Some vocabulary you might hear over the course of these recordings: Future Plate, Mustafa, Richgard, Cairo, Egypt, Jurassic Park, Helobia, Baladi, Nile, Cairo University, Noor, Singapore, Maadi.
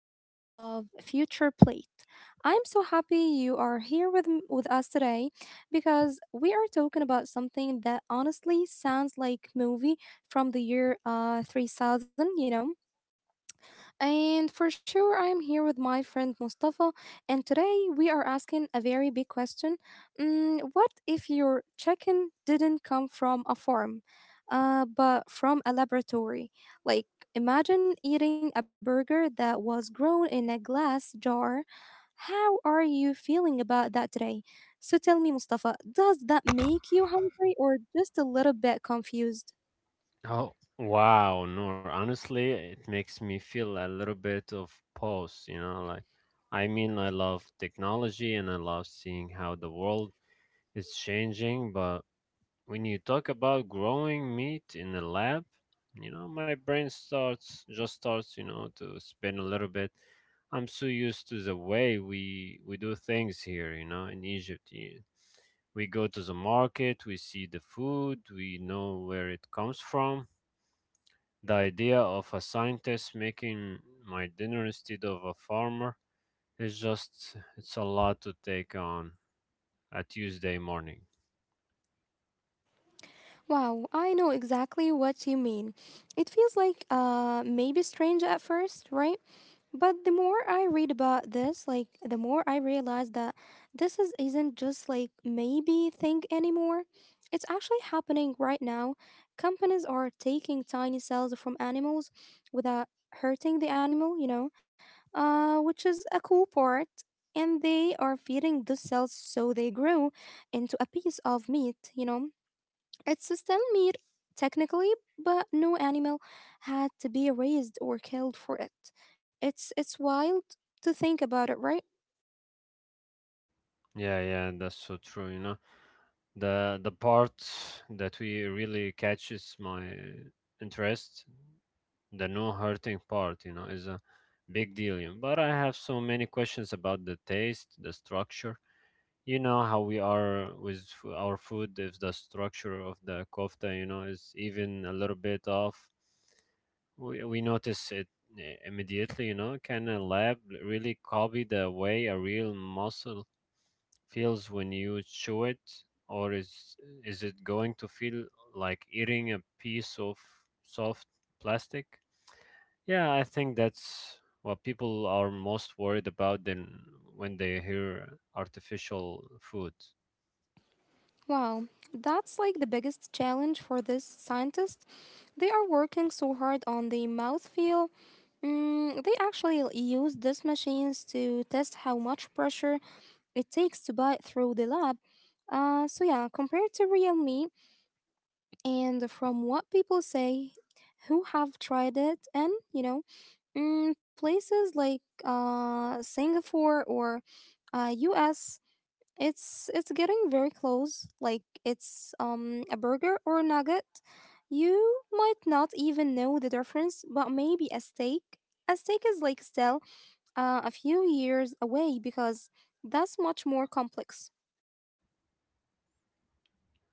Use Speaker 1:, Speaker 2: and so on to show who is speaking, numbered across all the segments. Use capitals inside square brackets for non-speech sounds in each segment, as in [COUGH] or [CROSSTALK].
Speaker 1: episode of Future Plate. I'm so happy you are here with us today because we are talking about something that honestly sounds like movie from the year 3000, you know. And for sure, I'm here with my friend Mustafa, and today we are asking a very big question. Mm, what if your chicken didn't come from a farm, but from a laboratory? Like, imagine eating a burger that was grown in a glass jar. How are you feeling about that today? So tell me, Mustafa, does that make you hungry or just a little bit confused?
Speaker 2: Oh, wow, Noor. Honestly, it makes me feel a little bit of pause, like I mean, I love technology and I love seeing how the world is changing, but when you talk about growing meat in a lab, my brain starts just starts, you know, to spin a little bit. I'm so used to the way we do things here, in Egypt. We go to the market, we see the food, we know where it comes from. The idea of a scientist making my dinner instead of a farmer it's a lot to take on a Tuesday morning.
Speaker 1: Wow, I know exactly what you mean. It feels like maybe strange at first, right? But the more I read about this, like the more I realize that this is isn't just like maybe thing anymore. It's actually happening right now. Companies are taking tiny cells from animals without hurting the animal, you know, which is a cool part. And they are feeding those cells so they grow into a piece of meat, you know it's still meat, technically, but no animal had to be raised or killed for it. It's wild to think about it, right?
Speaker 2: Yeah, yeah, that's so true, you know. The part that we really catches my interest, the no hurting part, you know, is a big deal. But I have so many questions about the taste, the structure. You know how we are with our food. If the structure of the kofta is even a little bit off, we notice it immediately. You know, can a lab really copy the way a real muscle feels when you chew it, or is it going to feel like eating a piece of soft plastic? Yeah, I think that's what people are most worried about than when they hear artificial food.
Speaker 1: Wow, that's like the biggest challenge for this scientist. They are working so hard on the mouthfeel. Mm, they actually use these machines to test how much pressure it takes to bite through the lab. So yeah, compared to real meat, and from what people say who have tried it and Mm, places like Singapore or US, it's getting very close. Like it's a burger or a nugget. You might not even know the difference, but maybe a steak. A steak is like still a few years away because that's much more complex.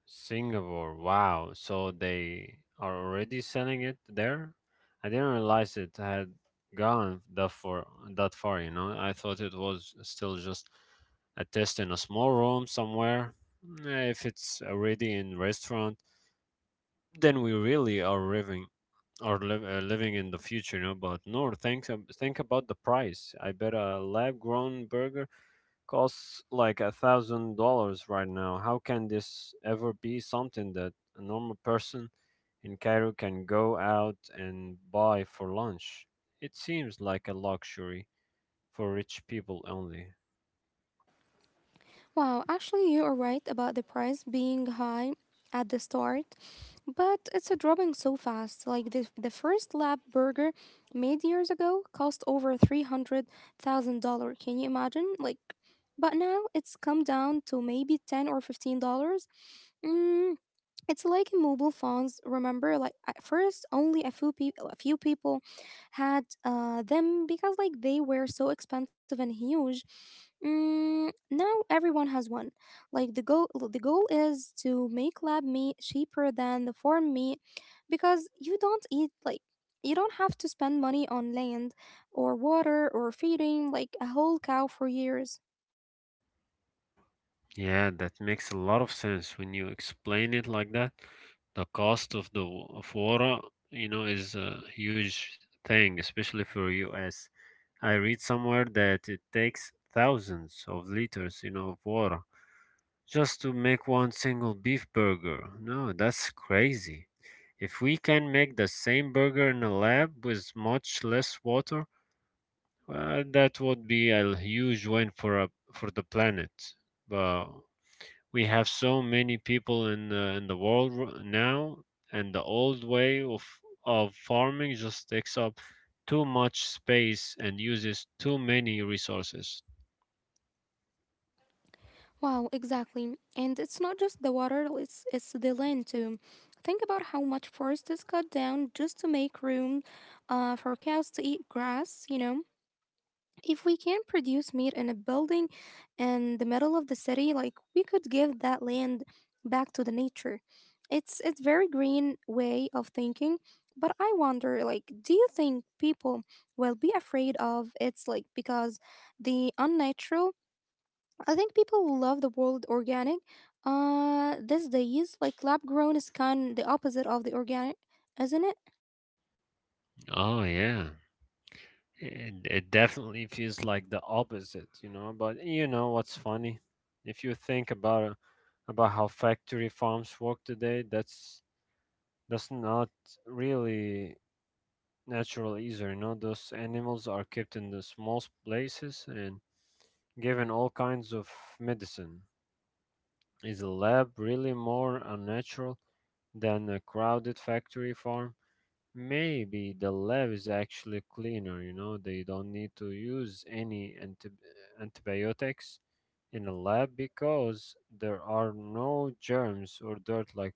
Speaker 2: Singapore. Wow. So they are already selling it there? I didn't realize it had gone that far, you know. I thought it was still just a test in a small room somewhere. If it's already in restaurant, then we really are living in the future, you know. But no, thanks. Think about the price. I bet a lab grown burger costs like $1,000 right now. How can this ever be something that a normal person in Cairo can go out and buy for lunch? It seems like a luxury for rich people only.
Speaker 1: Wow, actually, you are right about the price being high at the start, but it's a dropping so fast. Like the first lab burger made years ago cost over $300,000. Can you imagine? Like, but now it's come down to maybe 10 or $15. Mm, it's like in mobile phones. Remember, like at first, only a few people, had them because like they were so expensive and huge. Mm, now everyone has one. Like the goal is to make lab meat cheaper than the farm meat, because you don't eat like you don't have to spend money on land or water or feeding like a whole cow for years.
Speaker 2: Yeah, that makes a lot of sense when you explain it like that. The cost of water, you know, is a huge thing, especially for us. I read somewhere that it takes thousands of liters, you know, of water just to make one single beef burger. No, that's crazy. If we can make the same burger in a lab with much less water, that would be a huge win for the planet. But we have so many people in the world, now, and the old way of farming just takes up too much space and uses too many resources.
Speaker 1: Wow, exactly. And it's not just the water, it's the land too. Think about how much forest is cut down just to make room for cows to eat grass, you know? If we can produce meat in a building in the middle of the city, like we could give that land back to the nature. It's very green way of thinking, but I wonder like do you think people will be afraid of it's like because the unnatural I think people love the world organic. These days, like lab grown is kind the opposite of the organic, isn't it?
Speaker 2: Oh yeah. It definitely feels like the opposite, you know. But you know what's funny? If you think about how factory farms work today, that's not really natural either. You know, those animals are kept in the small places and given all kinds of medicine. Is a lab really more unnatural than a crowded factory farm? Maybe the lab is actually cleaner. You know, they don't need to use any antibiotics in a lab because there are no germs or dirt like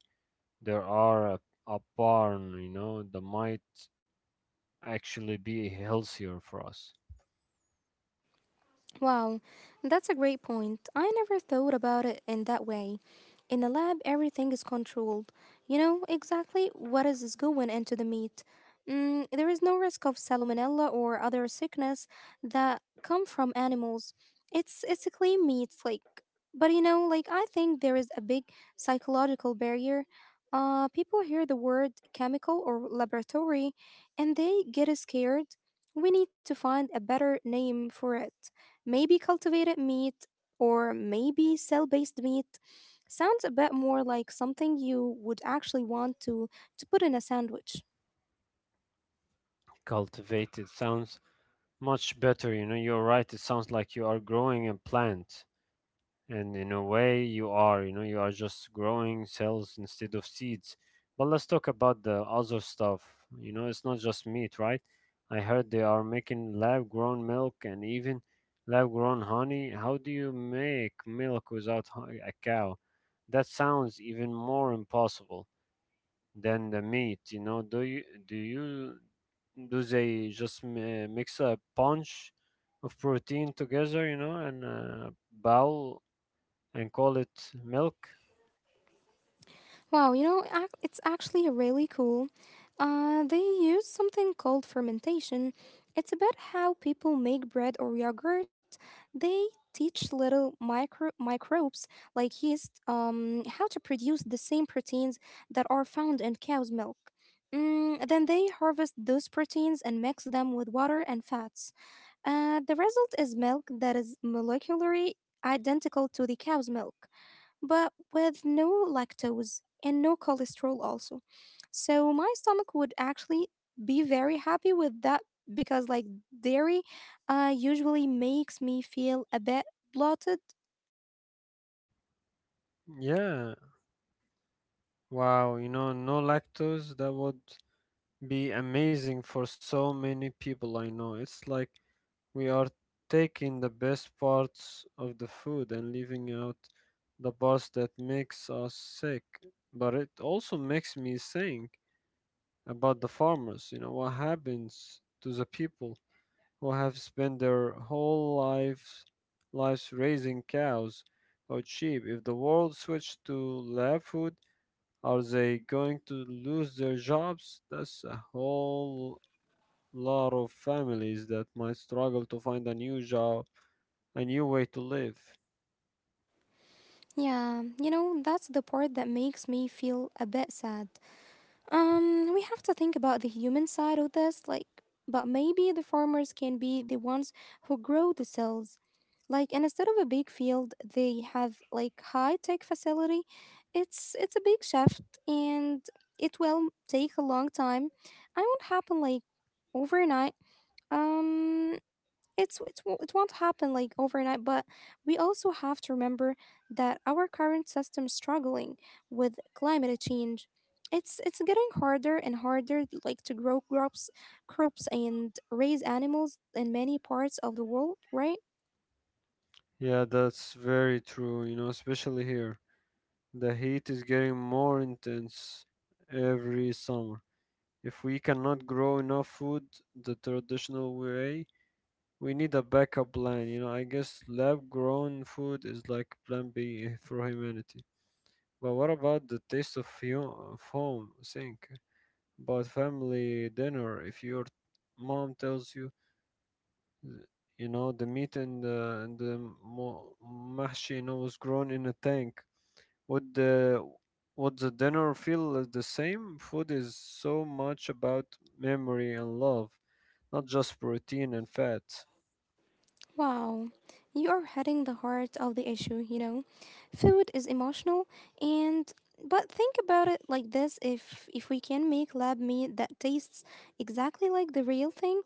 Speaker 2: there are a barn, you know, that might actually be healthier for us.
Speaker 1: Wow, that's a great point. I never thought about it in that way. In a lab, everything is controlled. You know exactly what is going into the meat. Mm, there is no risk of salmonella or other sickness that come from animals. It's a clean meat, like. But you know, like I think there is a big psychological barrier. People hear the word chemical or laboratory, and they get scared. We need to find a better name for it. Maybe cultivated meat or maybe cell based meat sounds a bit more like something you would actually want to put in a sandwich.
Speaker 2: Cultivated sounds much better, you know, you're right, it sounds like you are growing a plant. And in a way you are just growing cells instead of seeds. But let's talk about the other stuff. You know, it's not just meat, right? I heard they are making lab grown milk and even lab grown honey. How do you make milk without a cow? That sounds even more impossible than the meat, you know. Do they just mix a punch of protein together, you know, and a bowl, and call it milk?
Speaker 1: Wow, you know, it's actually really cool. They use something called fermentation. It's about how people make bread or yogurt. They teach little microbes like yeast how to produce the same proteins that are found in cow's milk. Mm, then they harvest those proteins and mix them with water and fats. The result is milk that is molecularly identical to the cow's milk but with no lactose and no cholesterol also. So my stomach would actually be very happy with that because like dairy usually makes me feel a bit bloated.
Speaker 2: Yeah, wow, no lactose, that would be amazing for so many people I know. It's like we are taking the best parts of the food and leaving out the parts that makes us sick. But it also makes me think about the farmers, you know, what happens to the people who have spent their whole lives raising cows or sheep. If the world switched to lab food, are they going to lose their jobs? That's a whole lot of families that might struggle to find a new job, a new way to live.
Speaker 1: Yeah, you know, that's the part that makes me feel a bit sad. We have to think about the human side of this, like, but maybe the farmers can be the ones who grow the cells. Like, and instead of a big field, they have like high tech facility. It's a big shift, and it will take a long time. I won't happen like overnight, um it's it won't happen like overnight but we also have to remember that our current system is struggling with climate change it's getting harder and harder like to grow crops and raise animals in many parts of the world right.
Speaker 2: Yeah, that's very true, you know, especially here. The heat is getting more intense every summer. If we cannot grow enough food the traditional way, we need a backup plan, you know. I guess lab grown food is like plan B for humanity. But what about the taste of home? Think about family dinner. If your mom tells you, you know, the meat and the mahshi, you know, was grown in a tank, would the dinner feel the same? Food is so much about memory and love, not just protein and fat.
Speaker 1: Wow, you are hitting the heart of the issue, you know. Food is emotional and but think about it like this if we can make lab meat that tastes exactly like the real thing,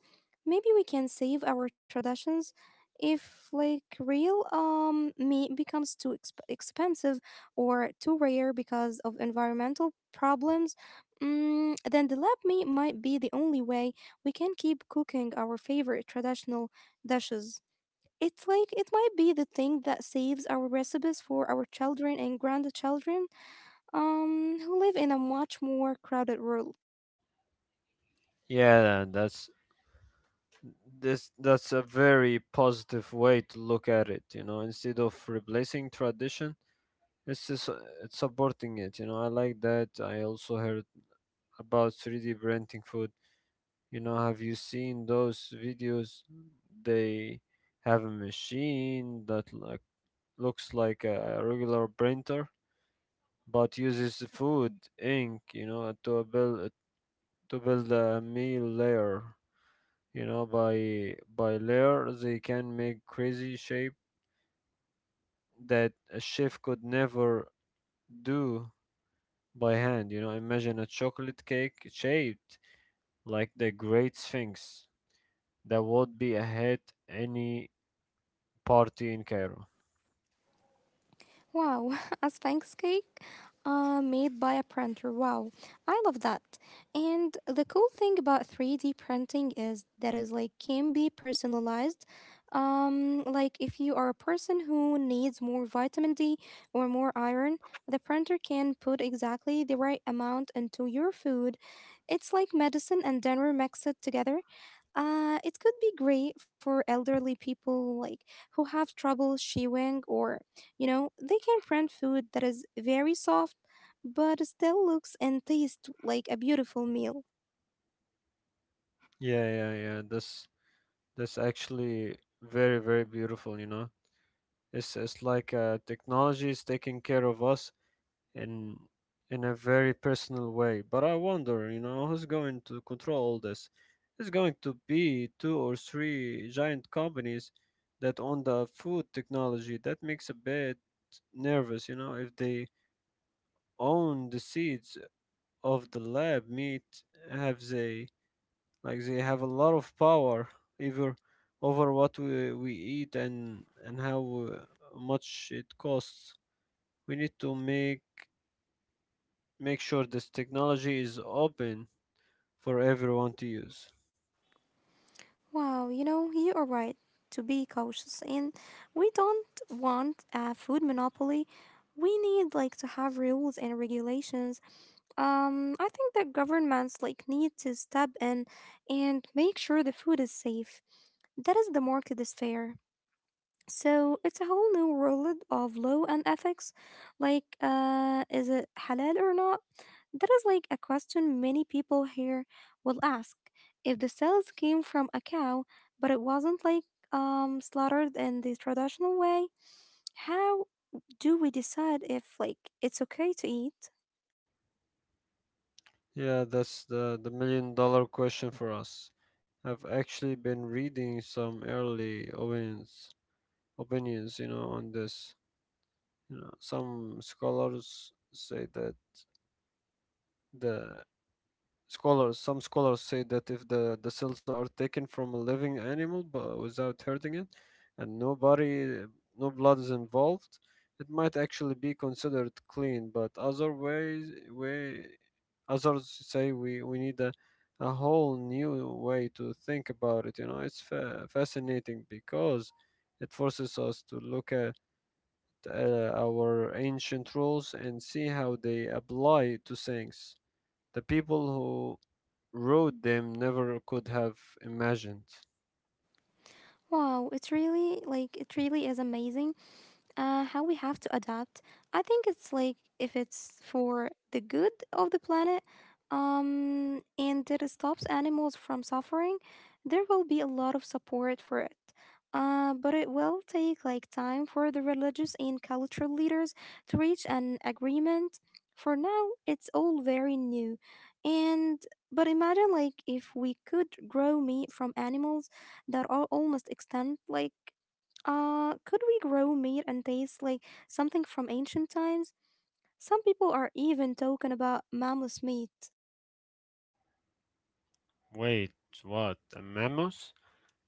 Speaker 1: maybe we can save our traditions if like real meat becomes too expensive or too rare because of environmental problems. Mm, then the lab meat might be the only way we can keep cooking our favorite traditional dishes. It's like it might be the thing that saves our recipes for our children and grandchildren who live in a much more crowded world.
Speaker 2: Yeah, that's a very positive way to look at it, you know. Instead of replacing tradition, it's supporting it, you know. I like that. I also heard about 3D printing food. You know, have you seen those videos? They have a machine that like looks like a regular printer, but uses food ink. You know, to build a meal layer. You know, by layer they can make crazy shape that a chef could never do by hand. You know, imagine a chocolate cake shaped like the Great Sphinx. That would be a hit any party in Cairo.
Speaker 1: Wow, [LAUGHS] a Sphinx cake made by a printer. Wow, I love that. And the cool thing about 3D printing is that is like can be personalized. Like if you are a person who needs more vitamin D or more iron, the printer can put exactly the right amount into your food. It's like medicine and dinner mixed together. It could be great for elderly people like who have trouble chewing or you know they can print food that is very soft but still looks and tastes like a beautiful meal.
Speaker 2: Yeah, yeah, yeah. That's actually very, very beautiful, you know. It's like technology is taking care of us in in a very personal way. But I wonder, you know, who's going to control all this? It's going to be two or three giant companies that own the food technology. That makes a bit nervous, you know, if they own the seeds of the lab meat have they. Like they have a lot of power either over what we eat and how much it costs. We need to make sure this technology is open for everyone to use.
Speaker 1: Wow, you know, you are right to be cautious, and we don't want a food monopoly. We need like to have rules and regulations. I think that governments like need to step in and make sure the food is safe, that is the market is fair. So it's a whole new world of law and ethics. Like, is it halal or not? That is like a question many people here will ask. If the cells came from a cow, but it wasn't like slaughtered in the traditional way, how do we decide if like it's okay to eat?
Speaker 2: Yeah, that's the million dollar question for us. I've actually been reading some early opinions, you know, on this. You know, the some scholars say that if the cells are taken from a living animal but without hurting it, and no body, no blood is involved, it might actually be considered clean. But others say we need a whole new way to think about it. You know, it's fascinating because it forces us to look at our ancient rules and see how they apply to things. The people who road them never could have imagined.
Speaker 1: Wow, it's really like it really is amazing how we have to adapt. I think it's like if it's for the good of the planet, and it stops animals from suffering, there will be a lot of support for it. But it will take like time for the religious and cultural leaders to reach an agreement. For now, it's all very new, and but imagine like if we could grow meat from animals that are almost extinct, like could we grow meat and taste like something from ancient times? Some people are even talking about mammoth meat.
Speaker 2: Wait, what? A mammoth?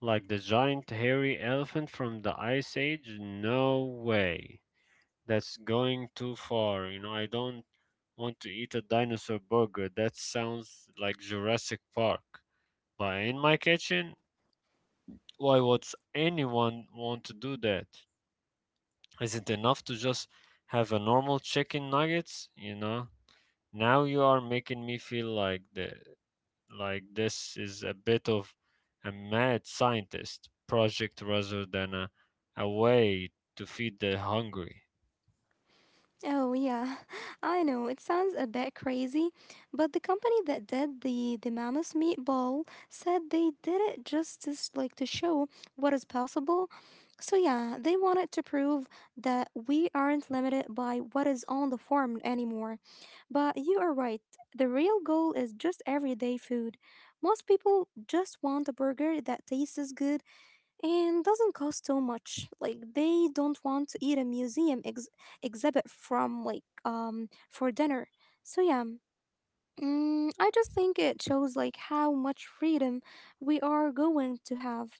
Speaker 2: Like the giant hairy elephant from the Ice Age? No way. That's going too far. You know, I don't want to eat a dinosaur burger. That sounds like Jurassic Park. But in my kitchen, why would anyone want to do that? Is it enough to just have a normal chicken nuggets? You know? Now you are making me feel like this is a bit of a mad scientist project rather than a way to feed the hungry.
Speaker 1: Oh, yeah, [LAUGHS] I know it sounds a bit crazy, but the company that did the mammoth meatball said they did it just like to show what is possible. So, yeah, they wanted to prove that we aren't limited by what is on the farm anymore. But you are right. The real goal is just everyday food. Most people just want a burger that tastes good and doesn't cost too much. Like they don't want to eat a museum exhibit from like for dinner. So yeah. Mm, I just think it shows like how much freedom we are going to have.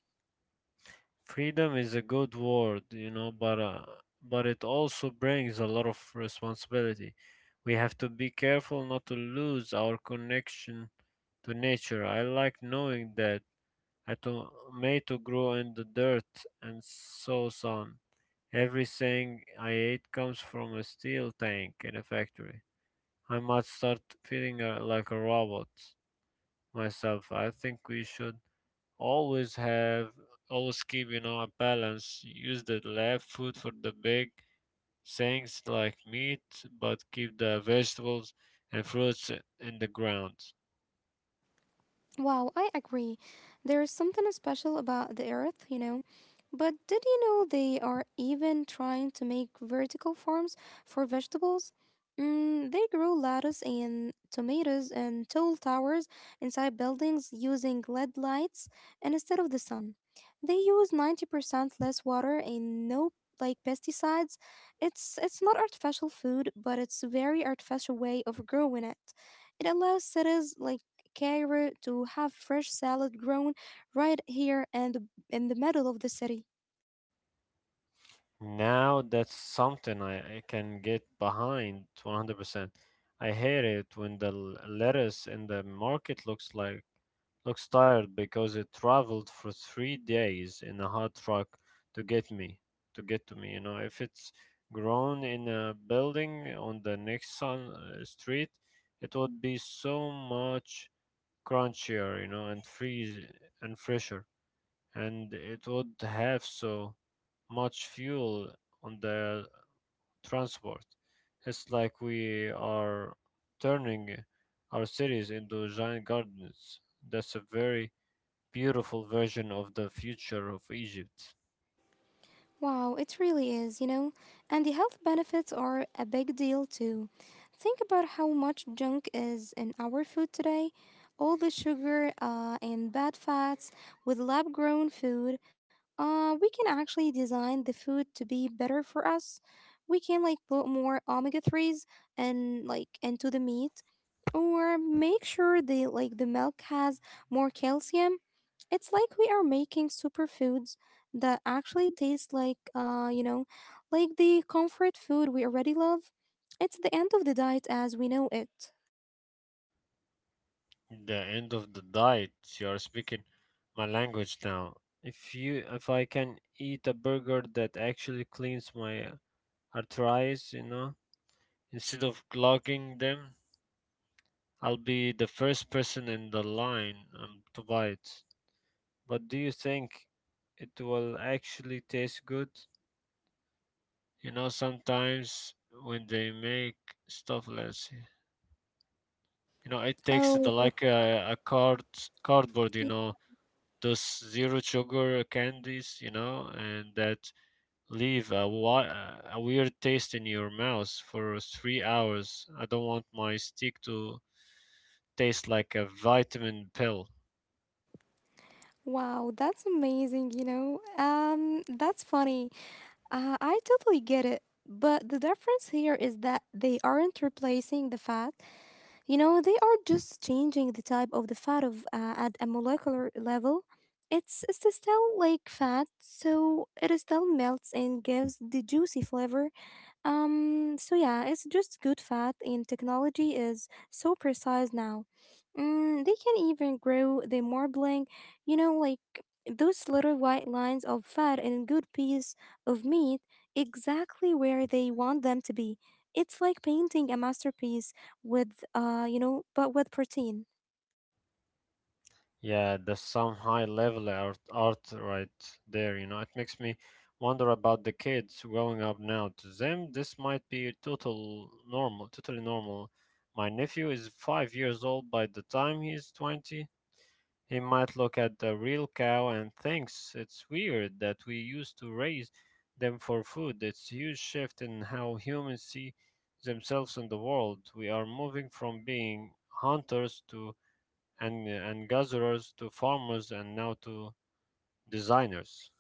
Speaker 2: Freedom is a good word, you know, but but it also brings a lot of responsibility. We have to be careful not to lose our connection to nature. I like knowing that a tomato grew in the dirt and so on. Everything I ate comes from a steel tank in a factory. I might start feeling like a robot myself. I think we should always have, always keep, you know, a balance. Use the left foot for the big things like meat, but keep the vegetables and fruits in the ground.
Speaker 1: Wow, I agree. There is something special about the earth, you know. But did you know they are even trying to make vertical farms for vegetables? Mm, they grow lettuce and tomatoes and tall towers inside buildings using LED lights and instead of the sun. They use 90% less water and no like pesticides. It's not artificial food, but it's a very artificial way of growing it. It allows cities like Cairo to have fresh salad grown right here and in the middle of the city.
Speaker 2: Now that's something I can get behind 100%. I hate it when the lettuce in the market looks tired because it traveled for 3 days in a hot truck to get me, to get to me. You know, if it's grown in a building on the next sun street, it would be so much crunchier, you know, and fresher, and it would have so much fuel on the transport. It's like we are turning our cities into giant gardens. That's a very beautiful version of the future of Egypt.
Speaker 1: Wow, it really is, you know? And the health benefits are a big deal too. Think about how much junk is in our food today. All the sugar and bad fats with lab grown food. We can actually design the food to be better for us. We can put more omega 3s and like into the meat or make sure the milk has more calcium. It's like we are making superfoods that actually tastes like the comfort food we already love. It's the end of the diet as we know it.
Speaker 2: The end of the diet. You are speaking my language now. If I can eat a burger that actually cleans my arteries, you know, instead of clogging them, I'll be the first person in the line to buy it. But do you think it will actually taste good? Sometimes when they make stuff less… it takes the
Speaker 1: Oh,
Speaker 2: like a card cardboard,
Speaker 1: y-
Speaker 2: those zero sugar candies, and that leave a weird taste in your mouth for 3 hours. I don't want my stick to taste like a vitamin pill.
Speaker 1: wow, that's amazing, that's funny. I totally get it. But the difference here is that they aren't replacing the fat. You know, they are just changing the type of the fat of at a molecular level. It's still like fat, so it still melts and gives the juicy flavor. So yeah, it's just good fat, and technology is so precise now. Mm, they can even grow the marbling, you know, like those little white lines of fat in a good piece of meat exactly where they want them to be. It's like painting a masterpiece but with protein.
Speaker 2: Yeah, that's some high level art right there, you know. It makes me wonder about the kids growing up now. To them, this might be totally normal. My nephew is 5 years old. By the time he's 20, he might look at the real cow and thinks it's weird that we used to raise them for food. It's a huge shift in how humans see themselves in the world. We are moving from being hunters to and gatherers to farmers and now to designers.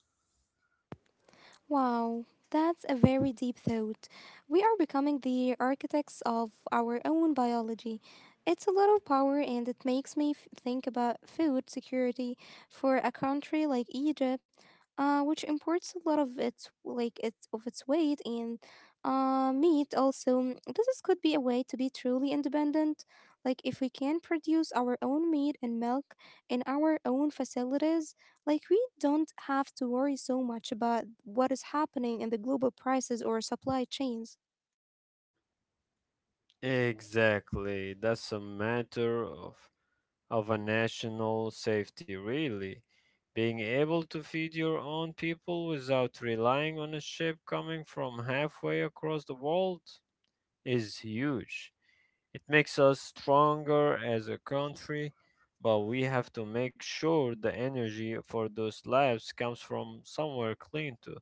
Speaker 1: Wow, that's a very deep thought. We are becoming the architects of our own biology. It's a lot of power, and it makes me think about food security for a country like Egypt, which imports a lot of its like its of its weight and meat. Also, could be a way to be truly independent. Like if we can produce our own meat and milk in our own facilities, like, we don't have to worry so much about what is happening in the global prices or supply chains.
Speaker 2: Exactly. That's a matter of a national safety, really. Being able to feed your own people without relying on a ship coming from halfway across the world is huge. It makes us stronger as a country, but we have to make sure the energy for those lives comes from somewhere clean too.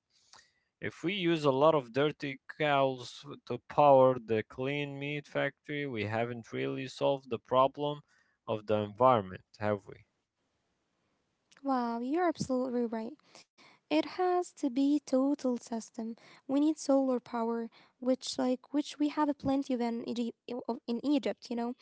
Speaker 2: If we use a lot of dirty cows to power the clean meat factory, we haven't really solved the problem of the environment, have we?
Speaker 1: Wow, you're absolutely right. It has to be total system. We need solar power, which we have plenty of in Egypt, you know,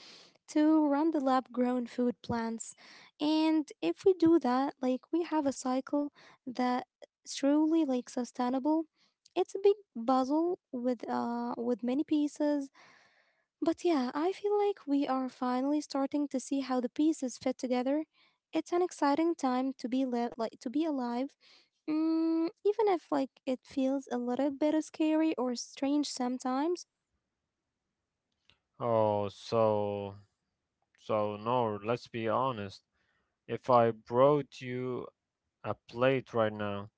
Speaker 1: to run the lab grown food plants. And if we do that, like we have a cycle that truly like sustainable. It's a big puzzle with many pieces. But yeah, I feel like we are finally starting to see how the pieces fit together. It's an exciting time to be alive, mm, even if like it feels a little bit scary or strange sometimes.
Speaker 2: Oh, so, no, let's be honest. If I brought you a plate right now,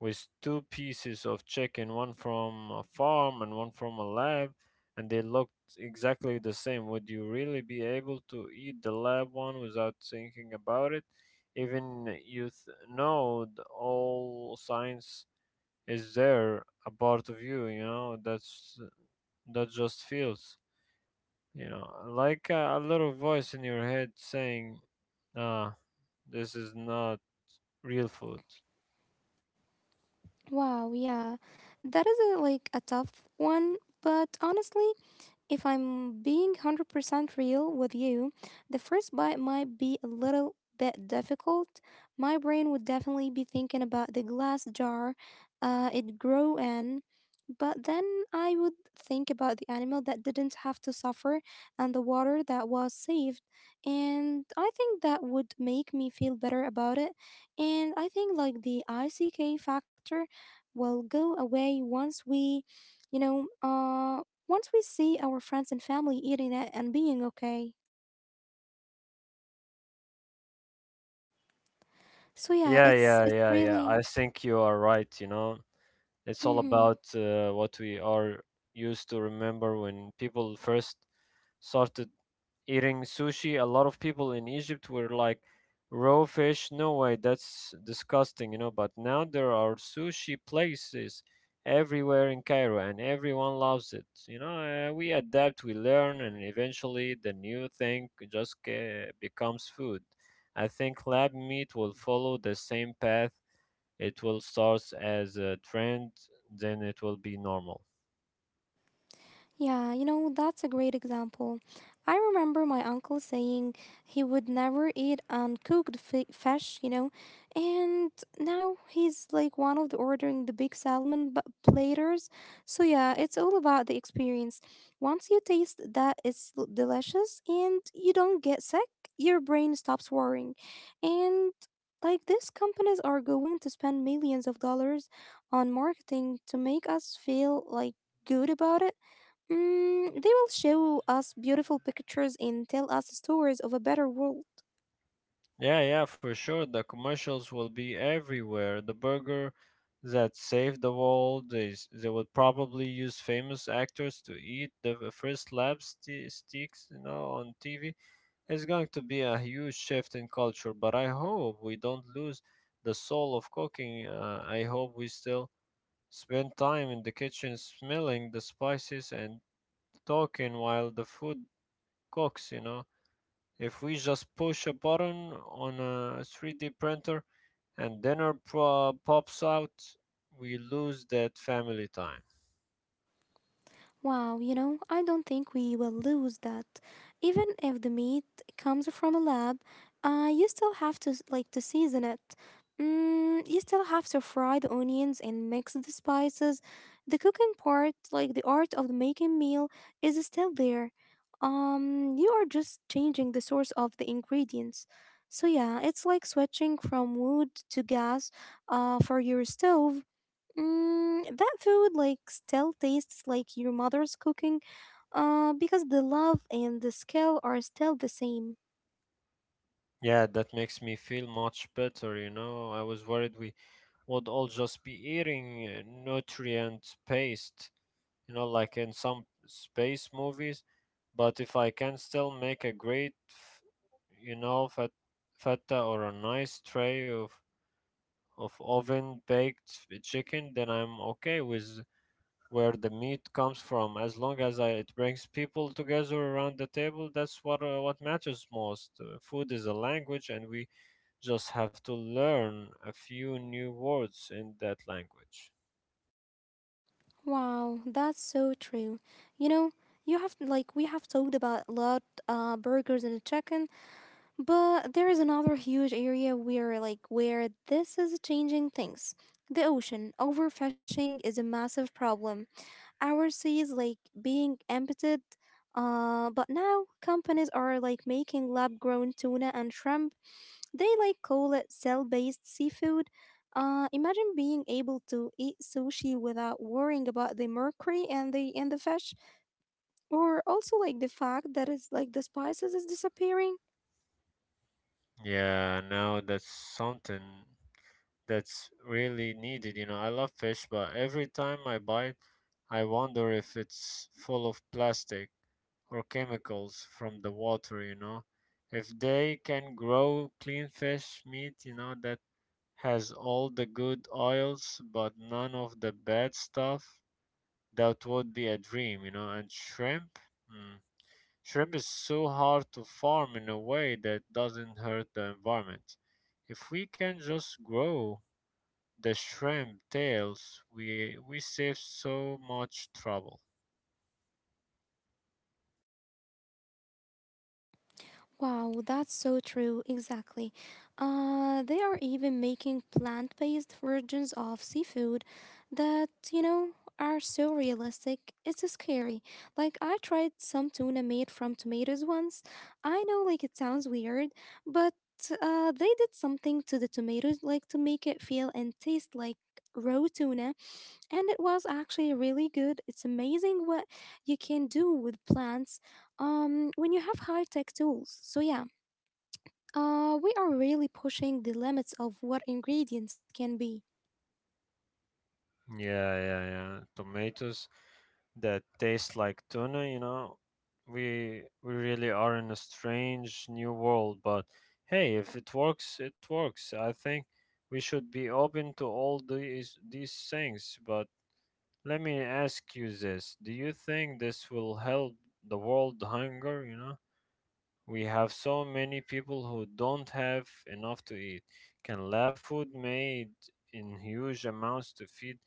Speaker 2: with two pieces of chicken, one from a farm and one from a lab, and they looked exactly the same, would you really be able to eat the lab one without thinking about it? Even all science is there, a part of you, you know, that's that just feels, like a little voice in your head saying, ah, this is not real food.
Speaker 1: Wow, yeah, that is like a tough one. But honestly, if I'm being 100% real with you, the first bite might be a little bit difficult. My brain would definitely be thinking about the glass jar it grew in, but then I would think about the animal that didn't have to suffer and the water that was saved. And I think that would make me feel better about it. And I think like the ICK factor will go away you know, uh, once we see our friends and family eating it and being okay. So yeah,
Speaker 2: Yeah,
Speaker 1: it's
Speaker 2: yeah,
Speaker 1: it's
Speaker 2: yeah, yeah.
Speaker 1: really.
Speaker 2: I think you are right, you know. It's all
Speaker 1: Mhm.
Speaker 2: about what we are used to. Remember when people first started eating sushi. A lot of people in Egypt were like, raw fish, no way, that's disgusting, you know. But now there are sushi places everywhere in Cairo and everyone loves it. You know, we adapt, we learn, and eventually the new thing just becomes food. I think lab meat will follow the same path. It will start as a trend, then it will be normal.
Speaker 1: Yeah, you know, that's a great example. I remember my uncle saying he would never eat uncooked fish, you know, and now he's like one of the ordering the big salmon platters. So, yeah, it's all about the experience. Once you taste that it's delicious and you don't get sick, your brain stops worrying. And like these companies are going to spend millions of dollars on marketing to make us feel like good about it. Mm, they will show us beautiful pictures and tell us stories of a better world.
Speaker 2: Yeah, yeah, for sure. The commercials will be everywhere. The burger that saved the world, they will probably use famous actors to eat the first lab sticks, you know, on TV. It's going to be a huge shift in culture, but I hope we don't lose the soul of cooking. I hope we still spend time in the kitchen smelling the spices and talking while the food Cox, you know. If we just push a button on a 3D printer and pops out, we lose that family time.
Speaker 1: Wow, you know, I don't think we will lose that. Even if the meat comes from a lab, you still have to season it. Mm, you still have to fry the onions and mix the spices. The cooking part, like the art of making meal, is still there. You are just changing the source of the ingredients. So yeah, it's like switching from wood to gas, for your stove. Mm, that food like still tastes like your mother's cooking because the love and the skill are still the same.
Speaker 2: Yeah, that makes me feel much better, you know. I was worried we would all just be eating nutrient paste, you know, like in some space movies. But if I can still make a great, fat, feta or a nice tray of oven baked chicken, then I'm okay with where the meat comes from. As long as it brings people together around the table, that's what matters most. Food is a language, and we just have to learn a few new words in that language.
Speaker 1: Wow, that's so true, you know. You have like we have talked about a lot burgers and chicken, but there is another huge area where this is changing things. The ocean overfishing is a massive problem, overseas like being emptied. But now companies are like making lab grown tuna and shrimp. They like call it cell based seafood. Imagine being able to eat sushi without worrying about the mercury and the fish, or also like the fact that it's like the spices is disappearing.
Speaker 2: Yeah, no, that's something that's really needed. You know, I love fish, but every time I buy, I wonder if it's full of plastic or chemicals from the water, you know. If they can grow clean fish meat, you know, that has all the good oils but none of the bad stuff, that would be a dream, you know. And shrimp, mm, shrimp is so hard to farm in a way that doesn't hurt the environment. If we can just grow the shrimp tails, we save so much trouble.
Speaker 1: Wow, that's so true. Exactly. They are even making plant based versions of seafood that, you know, are so realistic. It's scary. Like, I tried some tuna made from tomatoes once. I know, like, it sounds weird, but they did something to the tomatoes, like, to make it feel and taste like raw tuna. And it was actually really good. It's amazing what you can do with plants, when you have high tech tools. So yeah, we are really pushing the limits of what ingredients can be.
Speaker 2: Yeah, yeah, yeah. Tomatoes that taste like tuna, you know. We really are in a strange new world, but hey, if it works, it works. I think we should be open to all these things. But let me ask you this. Do you think this will help the world hunger, you know? We have so many people who don't have enough to eat. Can lab food made in huge amounts to feed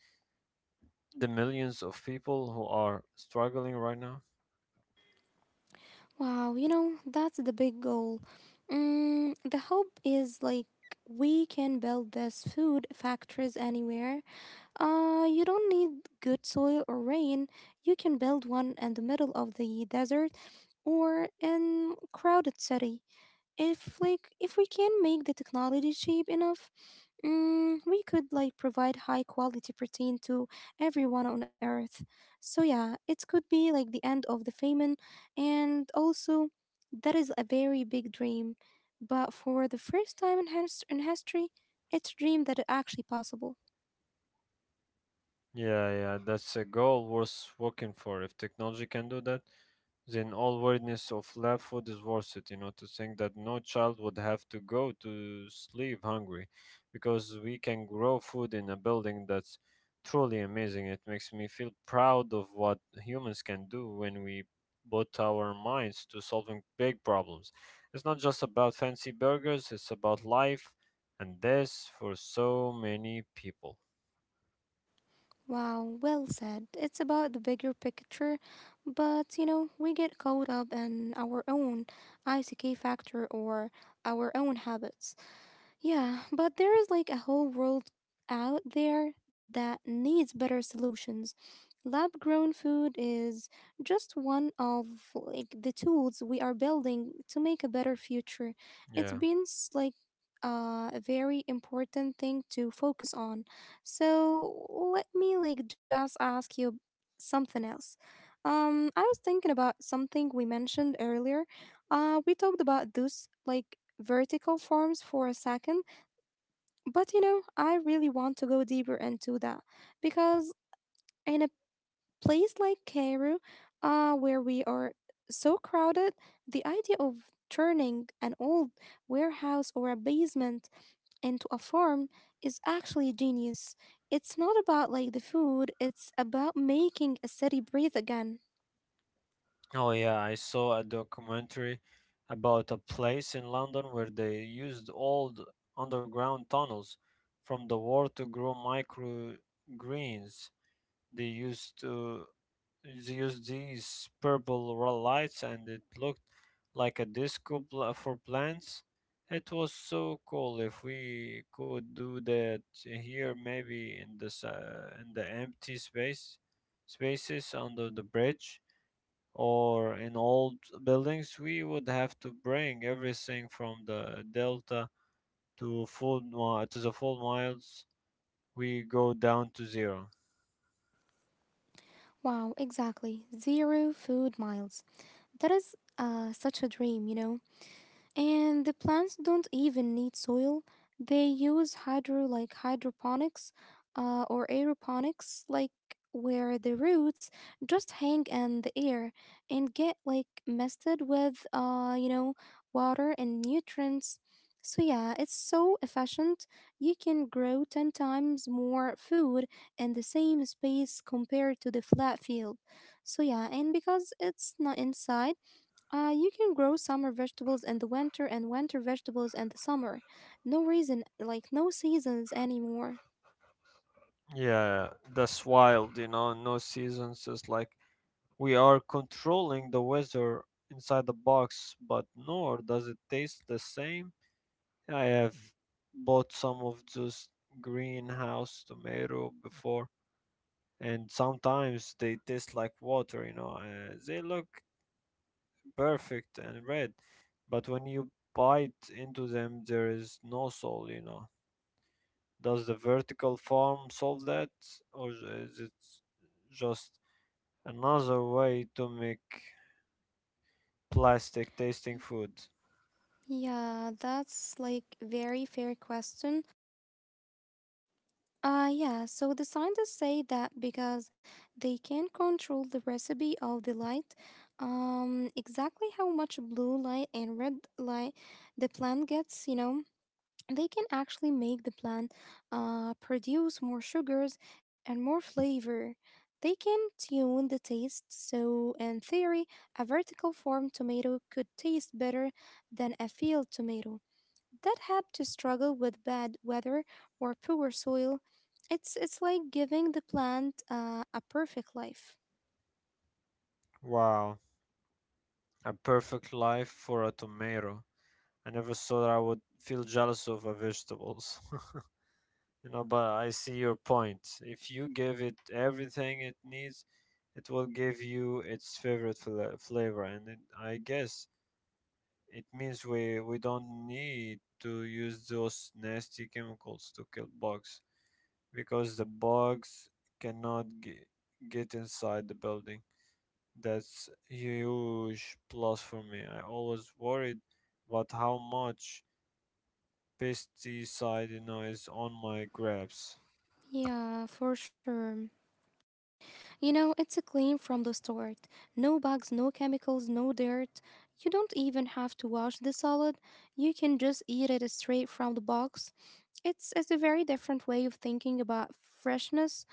Speaker 2: the millions of people who are struggling right now?
Speaker 1: Wow, you know, that's the big goal. Mm, the hope is like we can build this food factories anywhere. You don't need good soil or rain. You can build one in the middle of the desert or in crowded city. If we can make the technology cheap enough, mm, we could like provide high quality protein to everyone on earth. So yeah, it could be like the end of the famine. And also, that is a very big dream, but for the first time in history, it's a dream that is actually possible.
Speaker 2: Yeah, yeah, that's a goal worth working for. If technology can do that, then all awareness of lab food is worth it. You know, to think that no child would have to go to sleep hungry, because we can grow food in a building that's truly amazing. It makes me feel proud of what humans can do when we put our minds to solving big problems. It's not just about fancy burgers; it's about life, and this for so many people.
Speaker 1: Wow, well said. It's about the bigger picture, but you know we get caught up in our own ick factor or our own habits. Yeah, but there is like a whole world out there that needs better solutions. Lab grown food is just one of like the tools we are building to make a better future. It's
Speaker 2: Yeah.
Speaker 1: been a very important thing to focus on. So let me just ask you something else. I was thinking about something we mentioned earlier. We talked about those like vertical farms for a second, but you know, I really want to go deeper into that because in a place like Cairo, where we are so crowded, the idea of turning an old warehouse or a basement into a farm is actually genius. It's not about like the food, it's about making a city breathe again.
Speaker 2: Oh yeah, I saw a documentary about a place in London where they used old underground tunnels from the war to grow microgreens. They used to they used these lights and it looked like a disco pla for plants. It was so cool. If we could do that here, maybe in this in the empty space spaces under the bridge or in old buildings, we would have to bring everything from the delta to the full miles. We go down to zero.
Speaker 1: Wow, exactly. Zero food miles. That is such a dream, you know? And the plants don't even need soil. They use hydroponics, or aeroponics, like where the roots just hang in the air and get like misted with water and nutrients. So yeah, it's so efficient. You can grow 10 times more food in the same space compared to the flat field. So yeah, and because it's not inside, you can grow summer vegetables in the winter and winter vegetables in the summer. No reason, like no seasons anymore.
Speaker 2: Yeah, that's wild. You know, no seasons. It's like we are controlling the weather inside the box, but nor does it taste the same. I have bought some of those greenhouse tomato before and sometimes they taste like water, you know. They look perfect and red, but when you bite into them, there is no soul, you know. Does the vertical form solve that, or is it just another way to make plastic tasting food?
Speaker 1: Yeah, that's like very fair question. Yeah, so the scientists say that because they can control the recipe of the light, exactly how much blue light and red light the plant gets, you know. They can actually make the plant produce more sugars and more flavor. They can tune the taste, so, in theory, a vertical farm tomato could taste better than a field tomato that had to struggle with bad weather or poor soil. It's like giving the plant a perfect life.
Speaker 2: Wow, a perfect life for a tomato. I never thought I would feel jealous of a vegetables. [LAUGHS] You know, but I see your point. If you give it everything it needs, it will give you its flavor, and I guess it means we don't need to use those nasty chemicals to kill bugs because the bugs cannot ge- get inside the building. That's huge plus for me. I always worried about how much pesticide, you know, is on my grapes.
Speaker 1: Yeah, for sure. You know, it's a clean from the start. No bugs, no chemicals, no dirt. You don't even have to wash the salad. You can just eat it straight from the box. It's a very different way of thinking about freshness.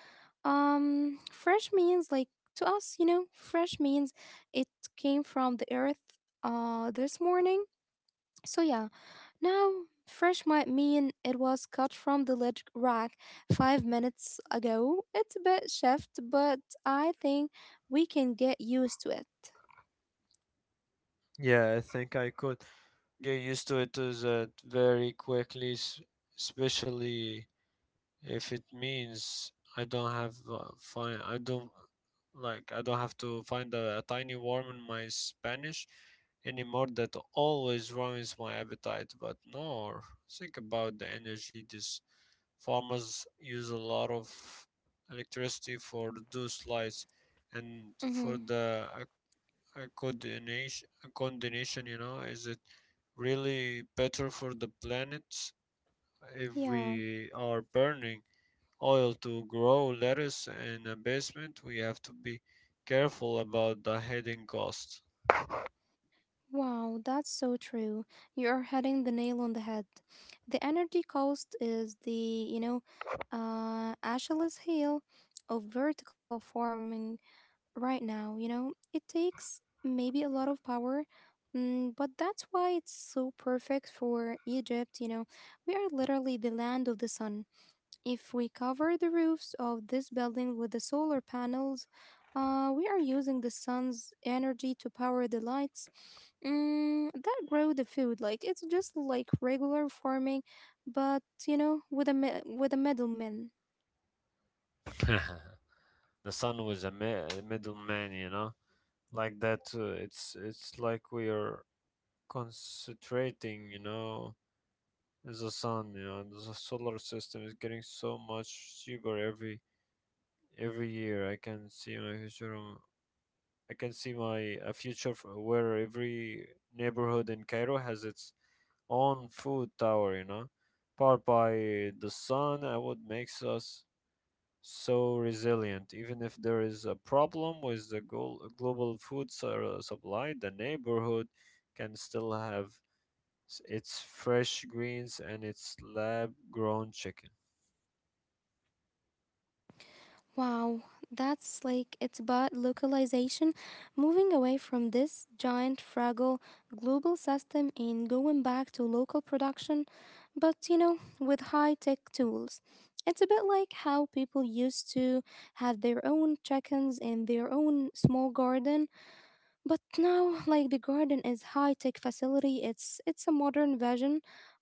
Speaker 1: Fresh means like to us, you know, fresh means it came from the earth this morning. So yeah, now, fresh might mean it was cut from the leg rack 5 minutes ago. It's a bit shift, but I think we can get used to it.
Speaker 2: Yeah, I think I could get used to it to that very quickly, especially if it means I don't have to find a tiny worm in my Spanish anymore that always ruins my appetite. But no, think about the energy. These farmers use a lot of electricity for those lights and for
Speaker 1: Mm-hmm.
Speaker 2: the a condemnation, you know. Is it really better for the planet if
Speaker 1: Yeah.
Speaker 2: we are burning oil to grow lettuce in a basement? We have to be careful about the hidden costs.
Speaker 1: Wow, that's so true. You're hitting the nail on the head. The energy cost is the, you know, Achilles heel of vertical farming. Right now, you know? It takes maybe a lot of power, mm, but that's why it's so perfect for Egypt, you know? We are literally the land of the sun. If we cover the roofs of this building with the solar panels, we are using the sun's energy to power the lights, mm, that grow the food. Like it's just like regular farming, but you know, with a middleman.
Speaker 2: [LAUGHS] The sun was a middleman, you know, like that. It's like we are concentrating, you know, as the sun. You know, the solar system is getting so much cheaper every year. I can see my a future where every neighborhood in Cairo has its own food tower, you know, powered by the sun. And what makes us so resilient, even if there is a problem with the global supply, the neighborhood can still have its fresh greens and its lab grown chicken.
Speaker 1: Wow, that's like it's about localization, moving away from this giant, fragile global system and going back to local production, but you know, with high tech tools. It's a bit like how people used to have their own chickens in their own small garden, but now, like the garden is high-tech facility, it's a modern version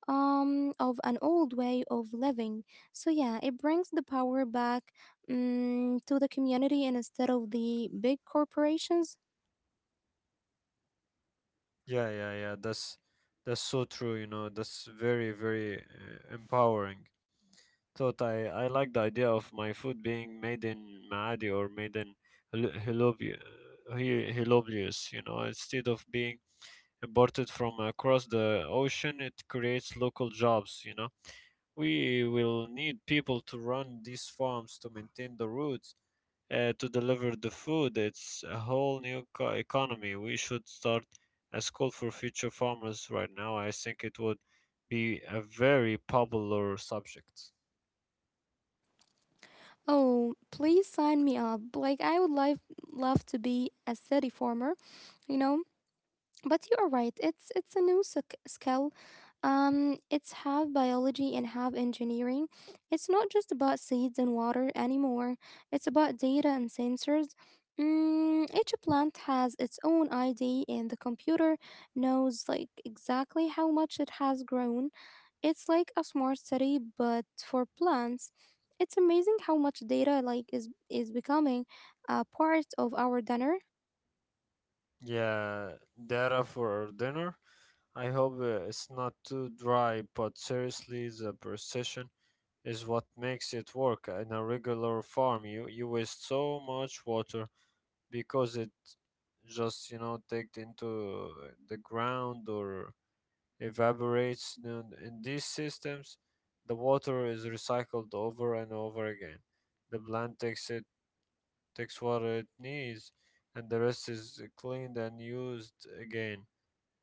Speaker 1: of an old way of living. So yeah, it brings the power back, to the community instead of the big corporations.
Speaker 2: Yeah, yeah, yeah. That's so true. You know, that's very, very, empowering thought. I like the idea of my food being made in Maadi or made in Helobia, Helobius. You know, instead of being imported from across the ocean, it creates local jobs. You know, we will need people to run these farms, to maintain the routes, to deliver the food. It's a economy. We should start a school for future farmers right now. I think it would be a very popular subject.
Speaker 1: Oh, please sign me up. Like, I would love to be a city farmer, you know? But you are right, it's a new skill. It's half biology and half engineering. It's not just about seeds and water anymore. It's about data and sensors. Each plant has its own id and the computer knows, like, exactly how much it has grown. It's like a smart city but for plants. It's amazing how much data, like, is becoming a part of our dinner.
Speaker 2: Yeah, data for our dinner. I hope it's not too dry, but seriously, the precision is what makes it work. In a regular farm, you waste so much water because it just, you know, takes into the ground or evaporates. In these systems, the water is recycled over and over again. The plant takes water it needs, and the rest is cleaned and used again.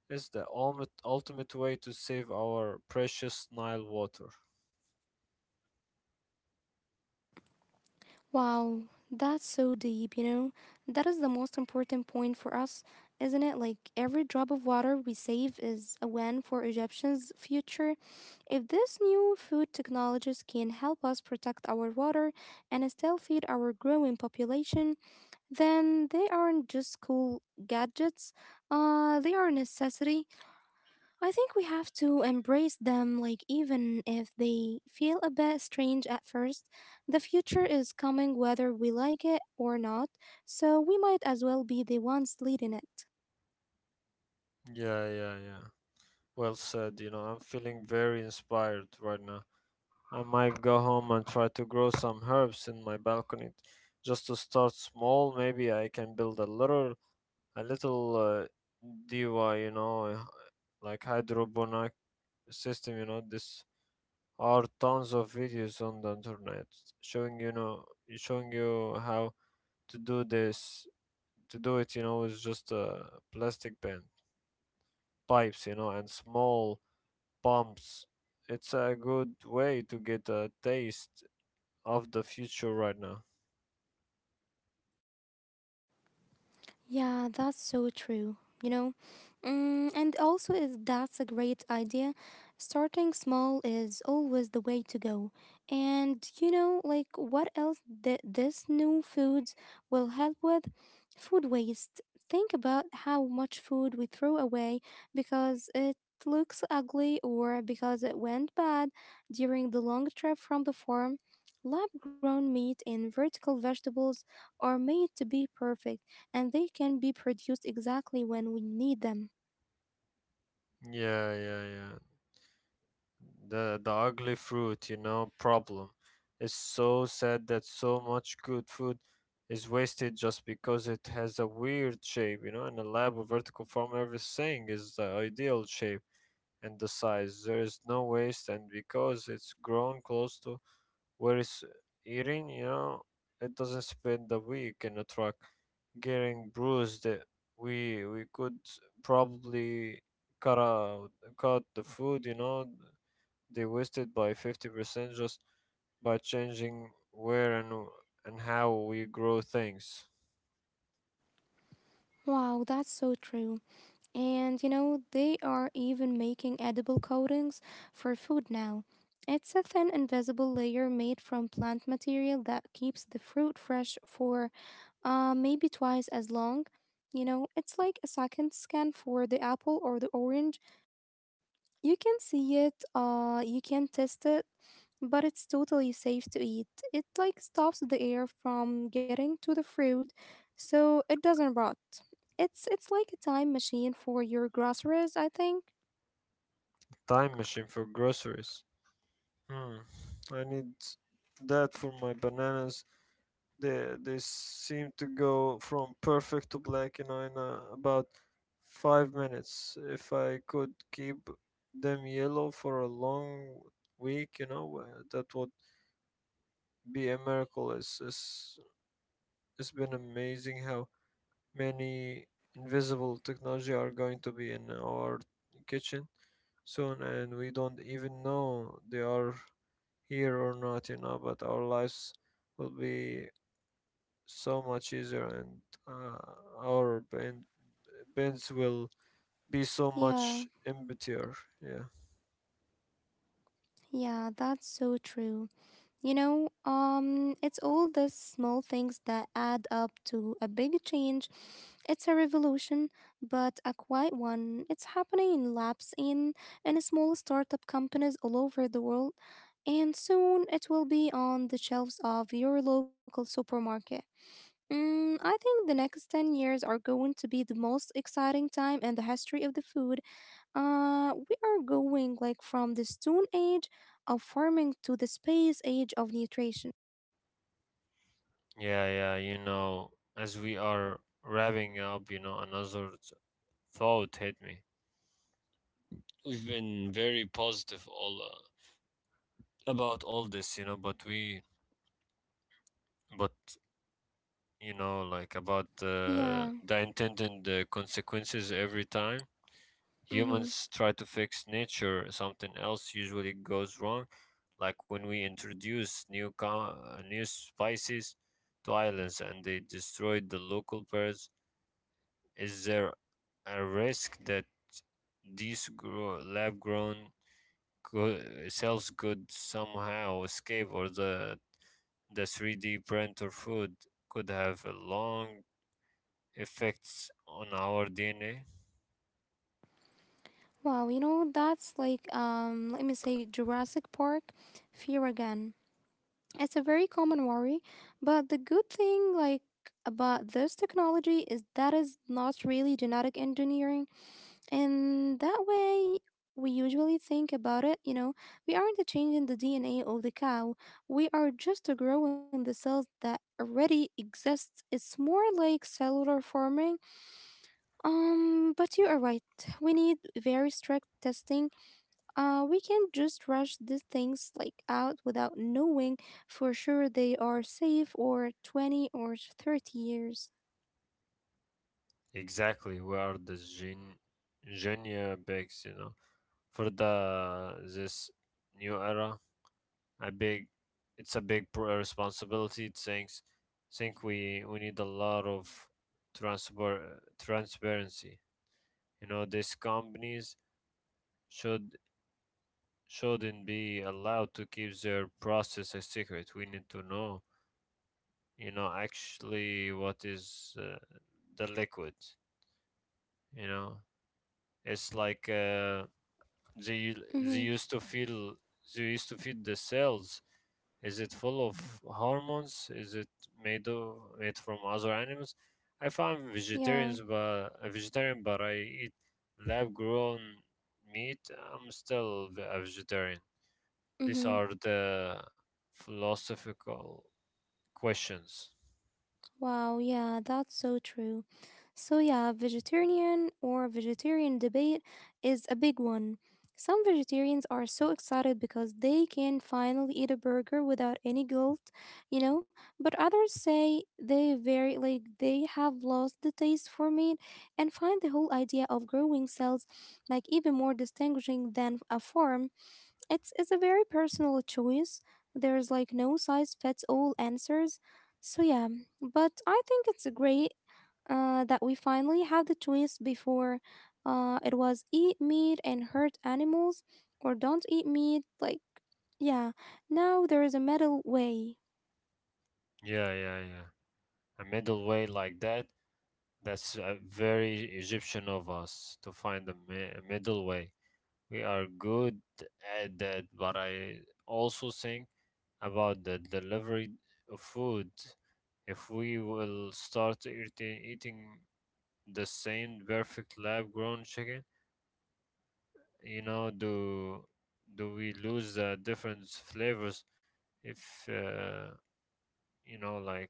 Speaker 2: It's the ultimate way to save our precious Nile water.
Speaker 1: Wow, that's so deep, you know? That is the most important point for us, isn't it? Like, every drop of water we save is a win for Egyptians' future. If these new food technologies can help us protect our water and still feed our growing population, then they aren't just cool gadgets, they are a necessity. I think we have to embrace them, like, even if they feel a bit strange at first. The future is coming whether we like it or not, so we might as well be the ones leading it.
Speaker 2: Yeah, yeah, yeah. Well said. You know, I'm feeling very inspired right now. I might go home and try to grow some herbs in my balcony just to start small. Maybe I can build a little DIY, like hydroponic system. This are tons of videos on the internet, showing you know showing you how to do this to do it, you know with just plastic pen pipes, and small pumps. It's a good way to get a taste of the future right now.
Speaker 1: Yeah, that's so true. You know, mm, and also is that's a great idea. Starting small is always the way to go. And you know, like, what else that this new foods will help with? Food waste. Think about how much food we throw away because it looks ugly or because it went bad during the long trip from the farm. Lab grown meat and vertical vegetables are made to be perfect, and they can be produced exactly when we need them.
Speaker 2: Yeah, yeah, yeah, the ugly fruit, problem. It's so sad that so much good food is wasted just because it has a weird shape, In a lab, a vertical farm, everything is the ideal shape and the size. There is no waste, and because it's grown close to where it's eating, it doesn't spend the week in a truck getting bruised. We could probably cut out cut the food, they wasted by 50% just by changing where and how we grow things.
Speaker 1: Wow, that's so true. And you know, they are even making edible coatings for food now. It's a thin, invisible layer made from plant material that keeps the fruit fresh for, maybe twice as long. You know, it's like a second skin for the apple or the orange. You can see it, you can test it, but it's totally safe to eat. It, like, stops the air from getting to the fruit, so it doesn't rot. It's like a time machine for your groceries, I think.
Speaker 2: Time machine for groceries. Hmm. I need that for my bananas. They seem to go from perfect to black, you know, in about 5 minutes. If I could keep them yellow for a long week, that would be a miracle. It's been amazing how many invisible technology are going to be in our kitchen soon, and we don't even know they are here or not, But our lives will be so much easier, and uh, our ben- bins will be so
Speaker 1: Yeah,
Speaker 2: much emptier. Yeah.
Speaker 1: yeah, that's so true. You know, it's all the small things that add up to a big change. It's a revolution, but a quiet one. It's happening in labs, in small startup companies all over the world, and soon it will be on the shelves of your local supermarket. I think the next 10 years are going to be the most exciting time in the history of the food. We are going, like, from the stone age of farming to the space age of nutrition.
Speaker 2: Yeah, yeah, as we are wrapping up, thought hit me. We've been very positive all about all this, you know, but we but you know like about
Speaker 1: Yeah.
Speaker 2: the intended consequences. Every time
Speaker 1: Mm-hmm.
Speaker 2: humans try to fix nature, something else usually goes wrong, like when we introduce new spices to islands and they destroyed the local birds. Is there a risk that lab grown co- cells could somehow escape, or the 3D printer food could have a long effects on our DNA?
Speaker 1: Wow, you know, that's like, let me say, Jurassic Park fear again. It's a very common worry, but the good thing, like, about this technology is that is not really genetic engineering. And that way, we usually think about it, you know, we aren't changing the DNA of the cow. We are just growing the cells that already exist. It's more like cellular farming. But you are right. We need very strict testing. We can't just rush these things, like, out without knowing for sure they are safe or 20 or 30 years.
Speaker 2: Exactly, we are the junior bigs, For the this new era, a big, it's a big responsibility. Think we need a lot of transfer transparency. You know, these companies should shouldn't be allowed to keep their process a secret. We need to know, actually, what is the liquid, you know it's like they u- they
Speaker 1: Mm-hmm.
Speaker 2: used to feel they used to feed the cells. Is it full of hormones? Is it made from other animals? I found
Speaker 1: Yeah.
Speaker 2: vegetarians, but a vegetarian, but I eat lab grown meat, I'm still a vegetarian. These
Speaker 1: Mm-hmm.
Speaker 2: are the philosophical questions.
Speaker 1: Wow, yeah, that's so true. So, yeah, vegetarian or vegetarian debate is a big one. Some vegetarians are so excited because they can finally eat a burger without any guilt, you know, but others say they very like they have lost the taste for meat and find the whole idea of growing cells like even more distinguishing than a farm. It's a very personal choice. There's, like, no size fits all answers. So yeah, but I think it's great that we finally have the choice. Before, it was eat meat and hurt animals or don't eat meat. Like, yeah, now there is a middle way.
Speaker 2: Yeah, yeah, yeah, a middle way like that's very Egyptian of us to find a middle way. We are good at that, but I also think about the delivery of food. If we will start eating the same perfect lab-grown chicken, you know, do we lose the different flavors? If you know, like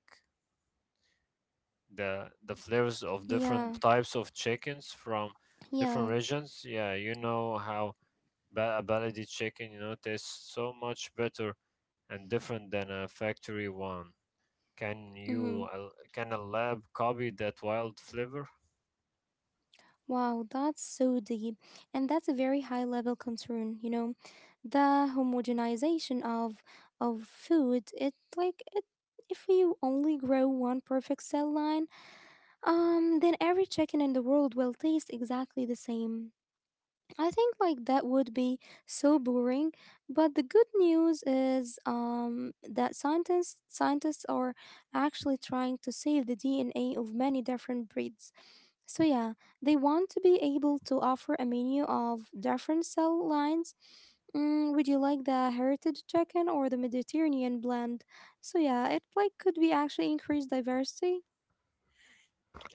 Speaker 2: The flavors of
Speaker 1: Yeah,
Speaker 2: different types of chickens from
Speaker 1: yeah.
Speaker 2: different regions. Yeah, you know how a Baladi chicken, you know, tastes so much better and different than a factory one.
Speaker 1: Mm-hmm.
Speaker 2: Can a lab copy that wild flavor?
Speaker 1: Wow, that's so deep. And that's a very high level concern, you know. The homogenization of food, it, like, it, if you only grow one perfect cell line, then every chicken in the world will taste exactly the same. I think, like, that would be so boring, but the good news is that scientists are actually trying to save the DNA of many different breeds. So yeah, they want to be able to offer a menu of different cell lines. Would you like the heritage chicken or the Mediterranean blend? So yeah, it, like, could be actually increase diversity.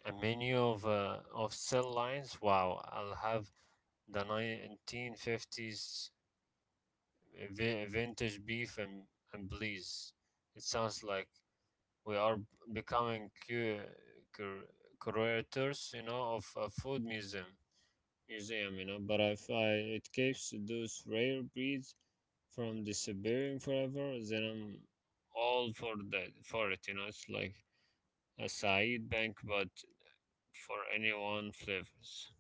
Speaker 2: A menu of cell lines. Wow, I'll have the 1950s vintage beef and please. It sounds like we are becoming cur- curators, you know, of a food museum, you know. But if I, it keeps those rare breeds from disappearing forever, then I'm all for it, you know. It's like a Saeed bank, but for anyone flavors,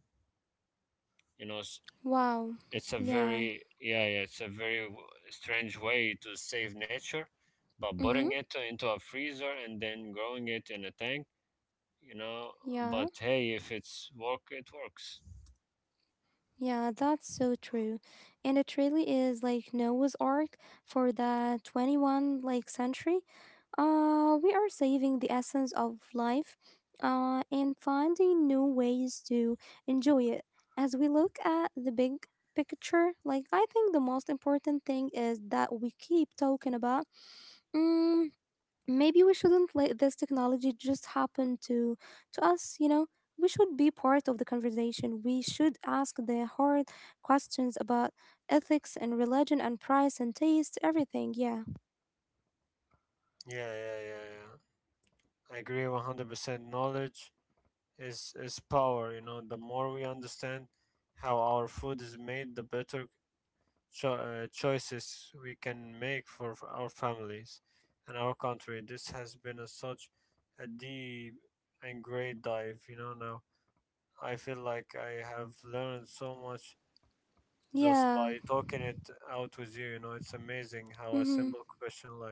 Speaker 2: you know. s-
Speaker 1: Wow.
Speaker 2: it's a
Speaker 1: Yeah.
Speaker 2: very yeah, yeah. It's a very strange way to save nature, but putting
Speaker 1: Mhm.
Speaker 2: it into a freezer and then growing it in a tank, you know
Speaker 1: Yeah.
Speaker 2: but hey, if it's work it works.
Speaker 1: Yeah, that's so true. And it really is like Noah's Ark for the 21st, like, century. We are saving the essence of life and finding new ways to enjoy it. As we look at the big picture, like, I think the most important thing is that we keep talking about. mm, Maybe we shouldn't let this technology just happen to us, you know. We should be part of the conversation. We should ask the hard questions about ethics and religion and price and taste, everything. Yeah.
Speaker 2: Yeah, yeah, yeah, yeah. I agree 100%. Knowledge is power, you know. The more we understand how our food is made, the better choices we can make for our families and our country. This has been a such a deep and great dive, you know. Now I feel like I have learned so much just
Speaker 1: Yeah.
Speaker 2: by talking it out with you. You know, it's amazing how a
Speaker 1: Mm-hmm.
Speaker 2: simple question like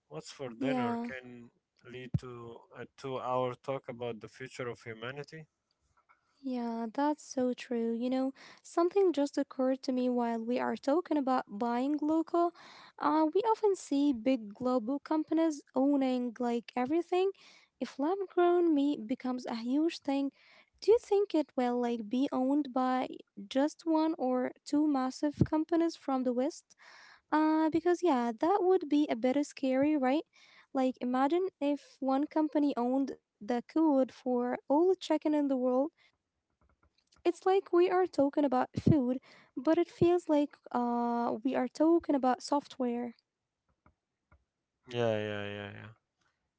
Speaker 2: "What's for dinner?"
Speaker 1: Yeah.
Speaker 2: can lead to a 2-hour talk about the future of humanity.
Speaker 1: Yeah, that's so true. You know, something just occurred to me while we are talking about buying local. We often see big global companies owning, like, everything. If lab grown meat becomes a huge thing, do you think it will, like, be owned by just one or two massive companies from the West? Because yeah, that would be a bit scary, right? Like, imagine if one company owned the code for all the chicken in the world. It's like we are talking about food, but it feels like we are talking about software.
Speaker 2: Yeah, yeah, yeah, yeah.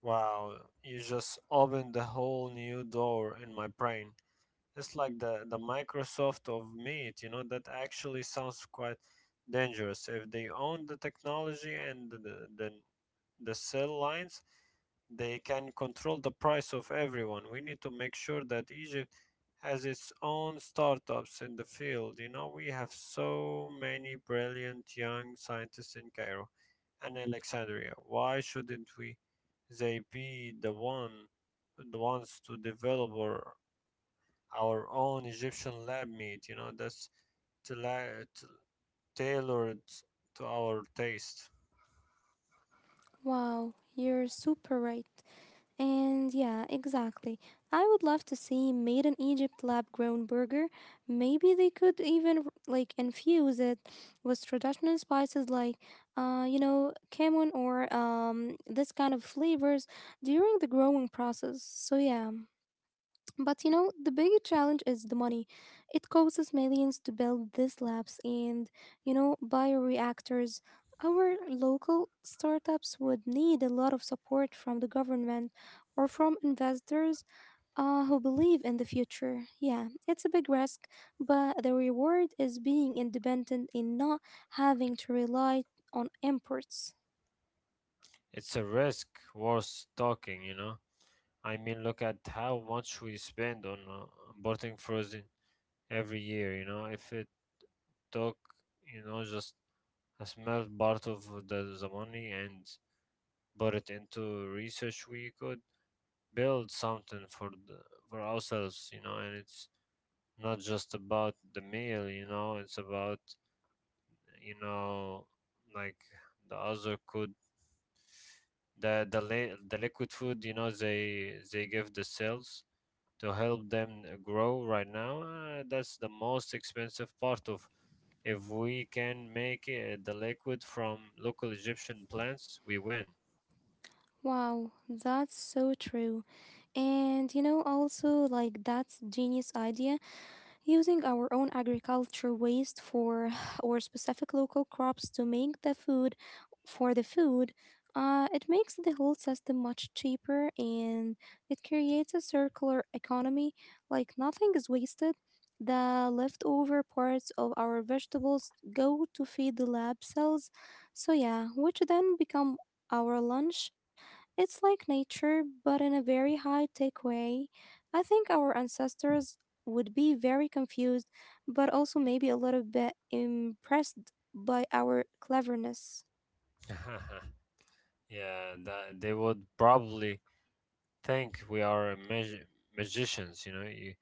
Speaker 2: Wow, you just opened the whole new door in my brain. It's like the Microsoft of meat. You know, that actually sounds quite dangerous. If they own the technology and the cell lines, they can control the price of everyone. We need to make sure that Egypt has its own startups in the field. You know, we have so many brilliant young scientists in Cairo and Alexandria. Why shouldn't we they be the ones to develop our own Egyptian lab meat, you know, that's tla- t- tailored to our taste.
Speaker 1: Wow, you're super right. And yeah, exactly. I would love to see made in Egypt lab grown burger. Maybe they could even, like, infuse it with traditional spices like, you know, cumin or this kind of flavors during the growing process. So yeah. But you know, the big challenge is the money. It costs millions to build these labs and, you know, bioreactors. Our local startups would need a lot of support from the government or from investors who believe in the future. Yeah, it's a big risk, but the reward is being independent and not having to rely on imports.
Speaker 2: It's a risk worth talking, you know. I mean, look at how much we spend on importing frozen every year. You know, if it took, you know, just a small part of the money and put it into research, we could build something for for ourselves. You know, and it's not just about the meal. You know, it's about, you know, like the other could the liquid food. You know, they give the cells to help them grow right now. That's the most expensive part of. If we can make the liquid from local Egyptian plants, we win.
Speaker 1: Wow, that's so true. And you know, also, like, that's genius idea. Using our own agriculture waste for [SIGHS] or specific local crops to make the food for the food, it makes the whole system much cheaper and it creates a circular economy. Like, nothing is wasted. The leftover parts of our vegetables go to feed the lab cells. So yeah, which then become our lunch. It's like nature, but in a very high tech way. I think our ancestors would be very confused, but also maybe a little bit impressed by our cleverness.
Speaker 2: [LAUGHS] Yeah, they would probably think we are magicians. You know,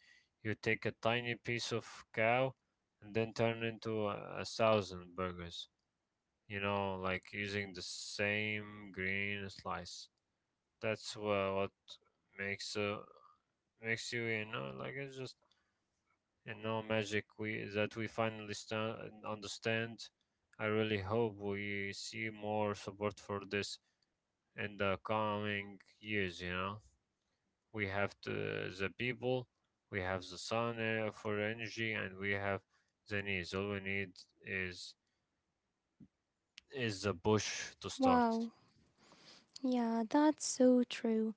Speaker 2: you take a tiny piece of cow and then turn into 1,000 burgers. You know, like using the same green slice. That's what makes makes you, you know like it's just you know magic, we that we finally stand and understand. I really hope we see more support for this in the coming years. You know, the people, we have the sun, for energy, and we have the needs. All we need is the bush to start.
Speaker 1: Wow. Yeah, that's so true.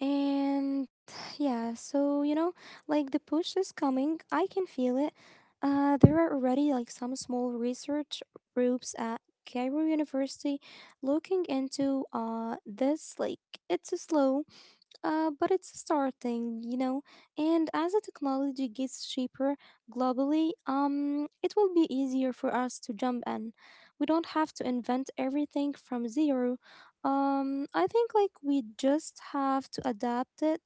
Speaker 1: And yeah, so you know, like, the push is coming. I can feel it. There are already, like, some small research groups at Cairo University looking into this, like, it's slow. But it's starting, you know. And as the technology gets cheaper globally, it will be easier for us to jump in. We don't have to invent everything from zero. I think, like, we just have to adapt it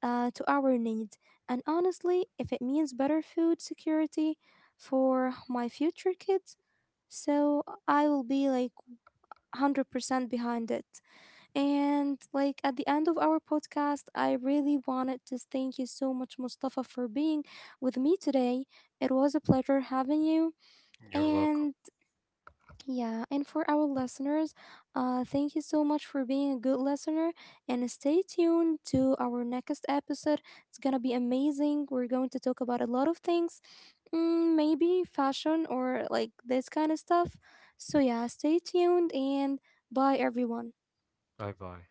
Speaker 1: to our needs. And honestly, if it means better food security for my future kids, so I will be like 100% behind it. And like at the end of our podcast, I really wanted to thank you so much, Mustafa, for being with me today. It was a pleasure having you.
Speaker 2: You're welcome.
Speaker 1: And yeah, and for our listeners, thank you so much for being a good listener. And stay tuned to our next episode. It's gonna be amazing. We're going to talk about a lot of things, maybe fashion or, like, this kind of stuff. So yeah, stay tuned, and bye, everyone.
Speaker 2: Bye bye.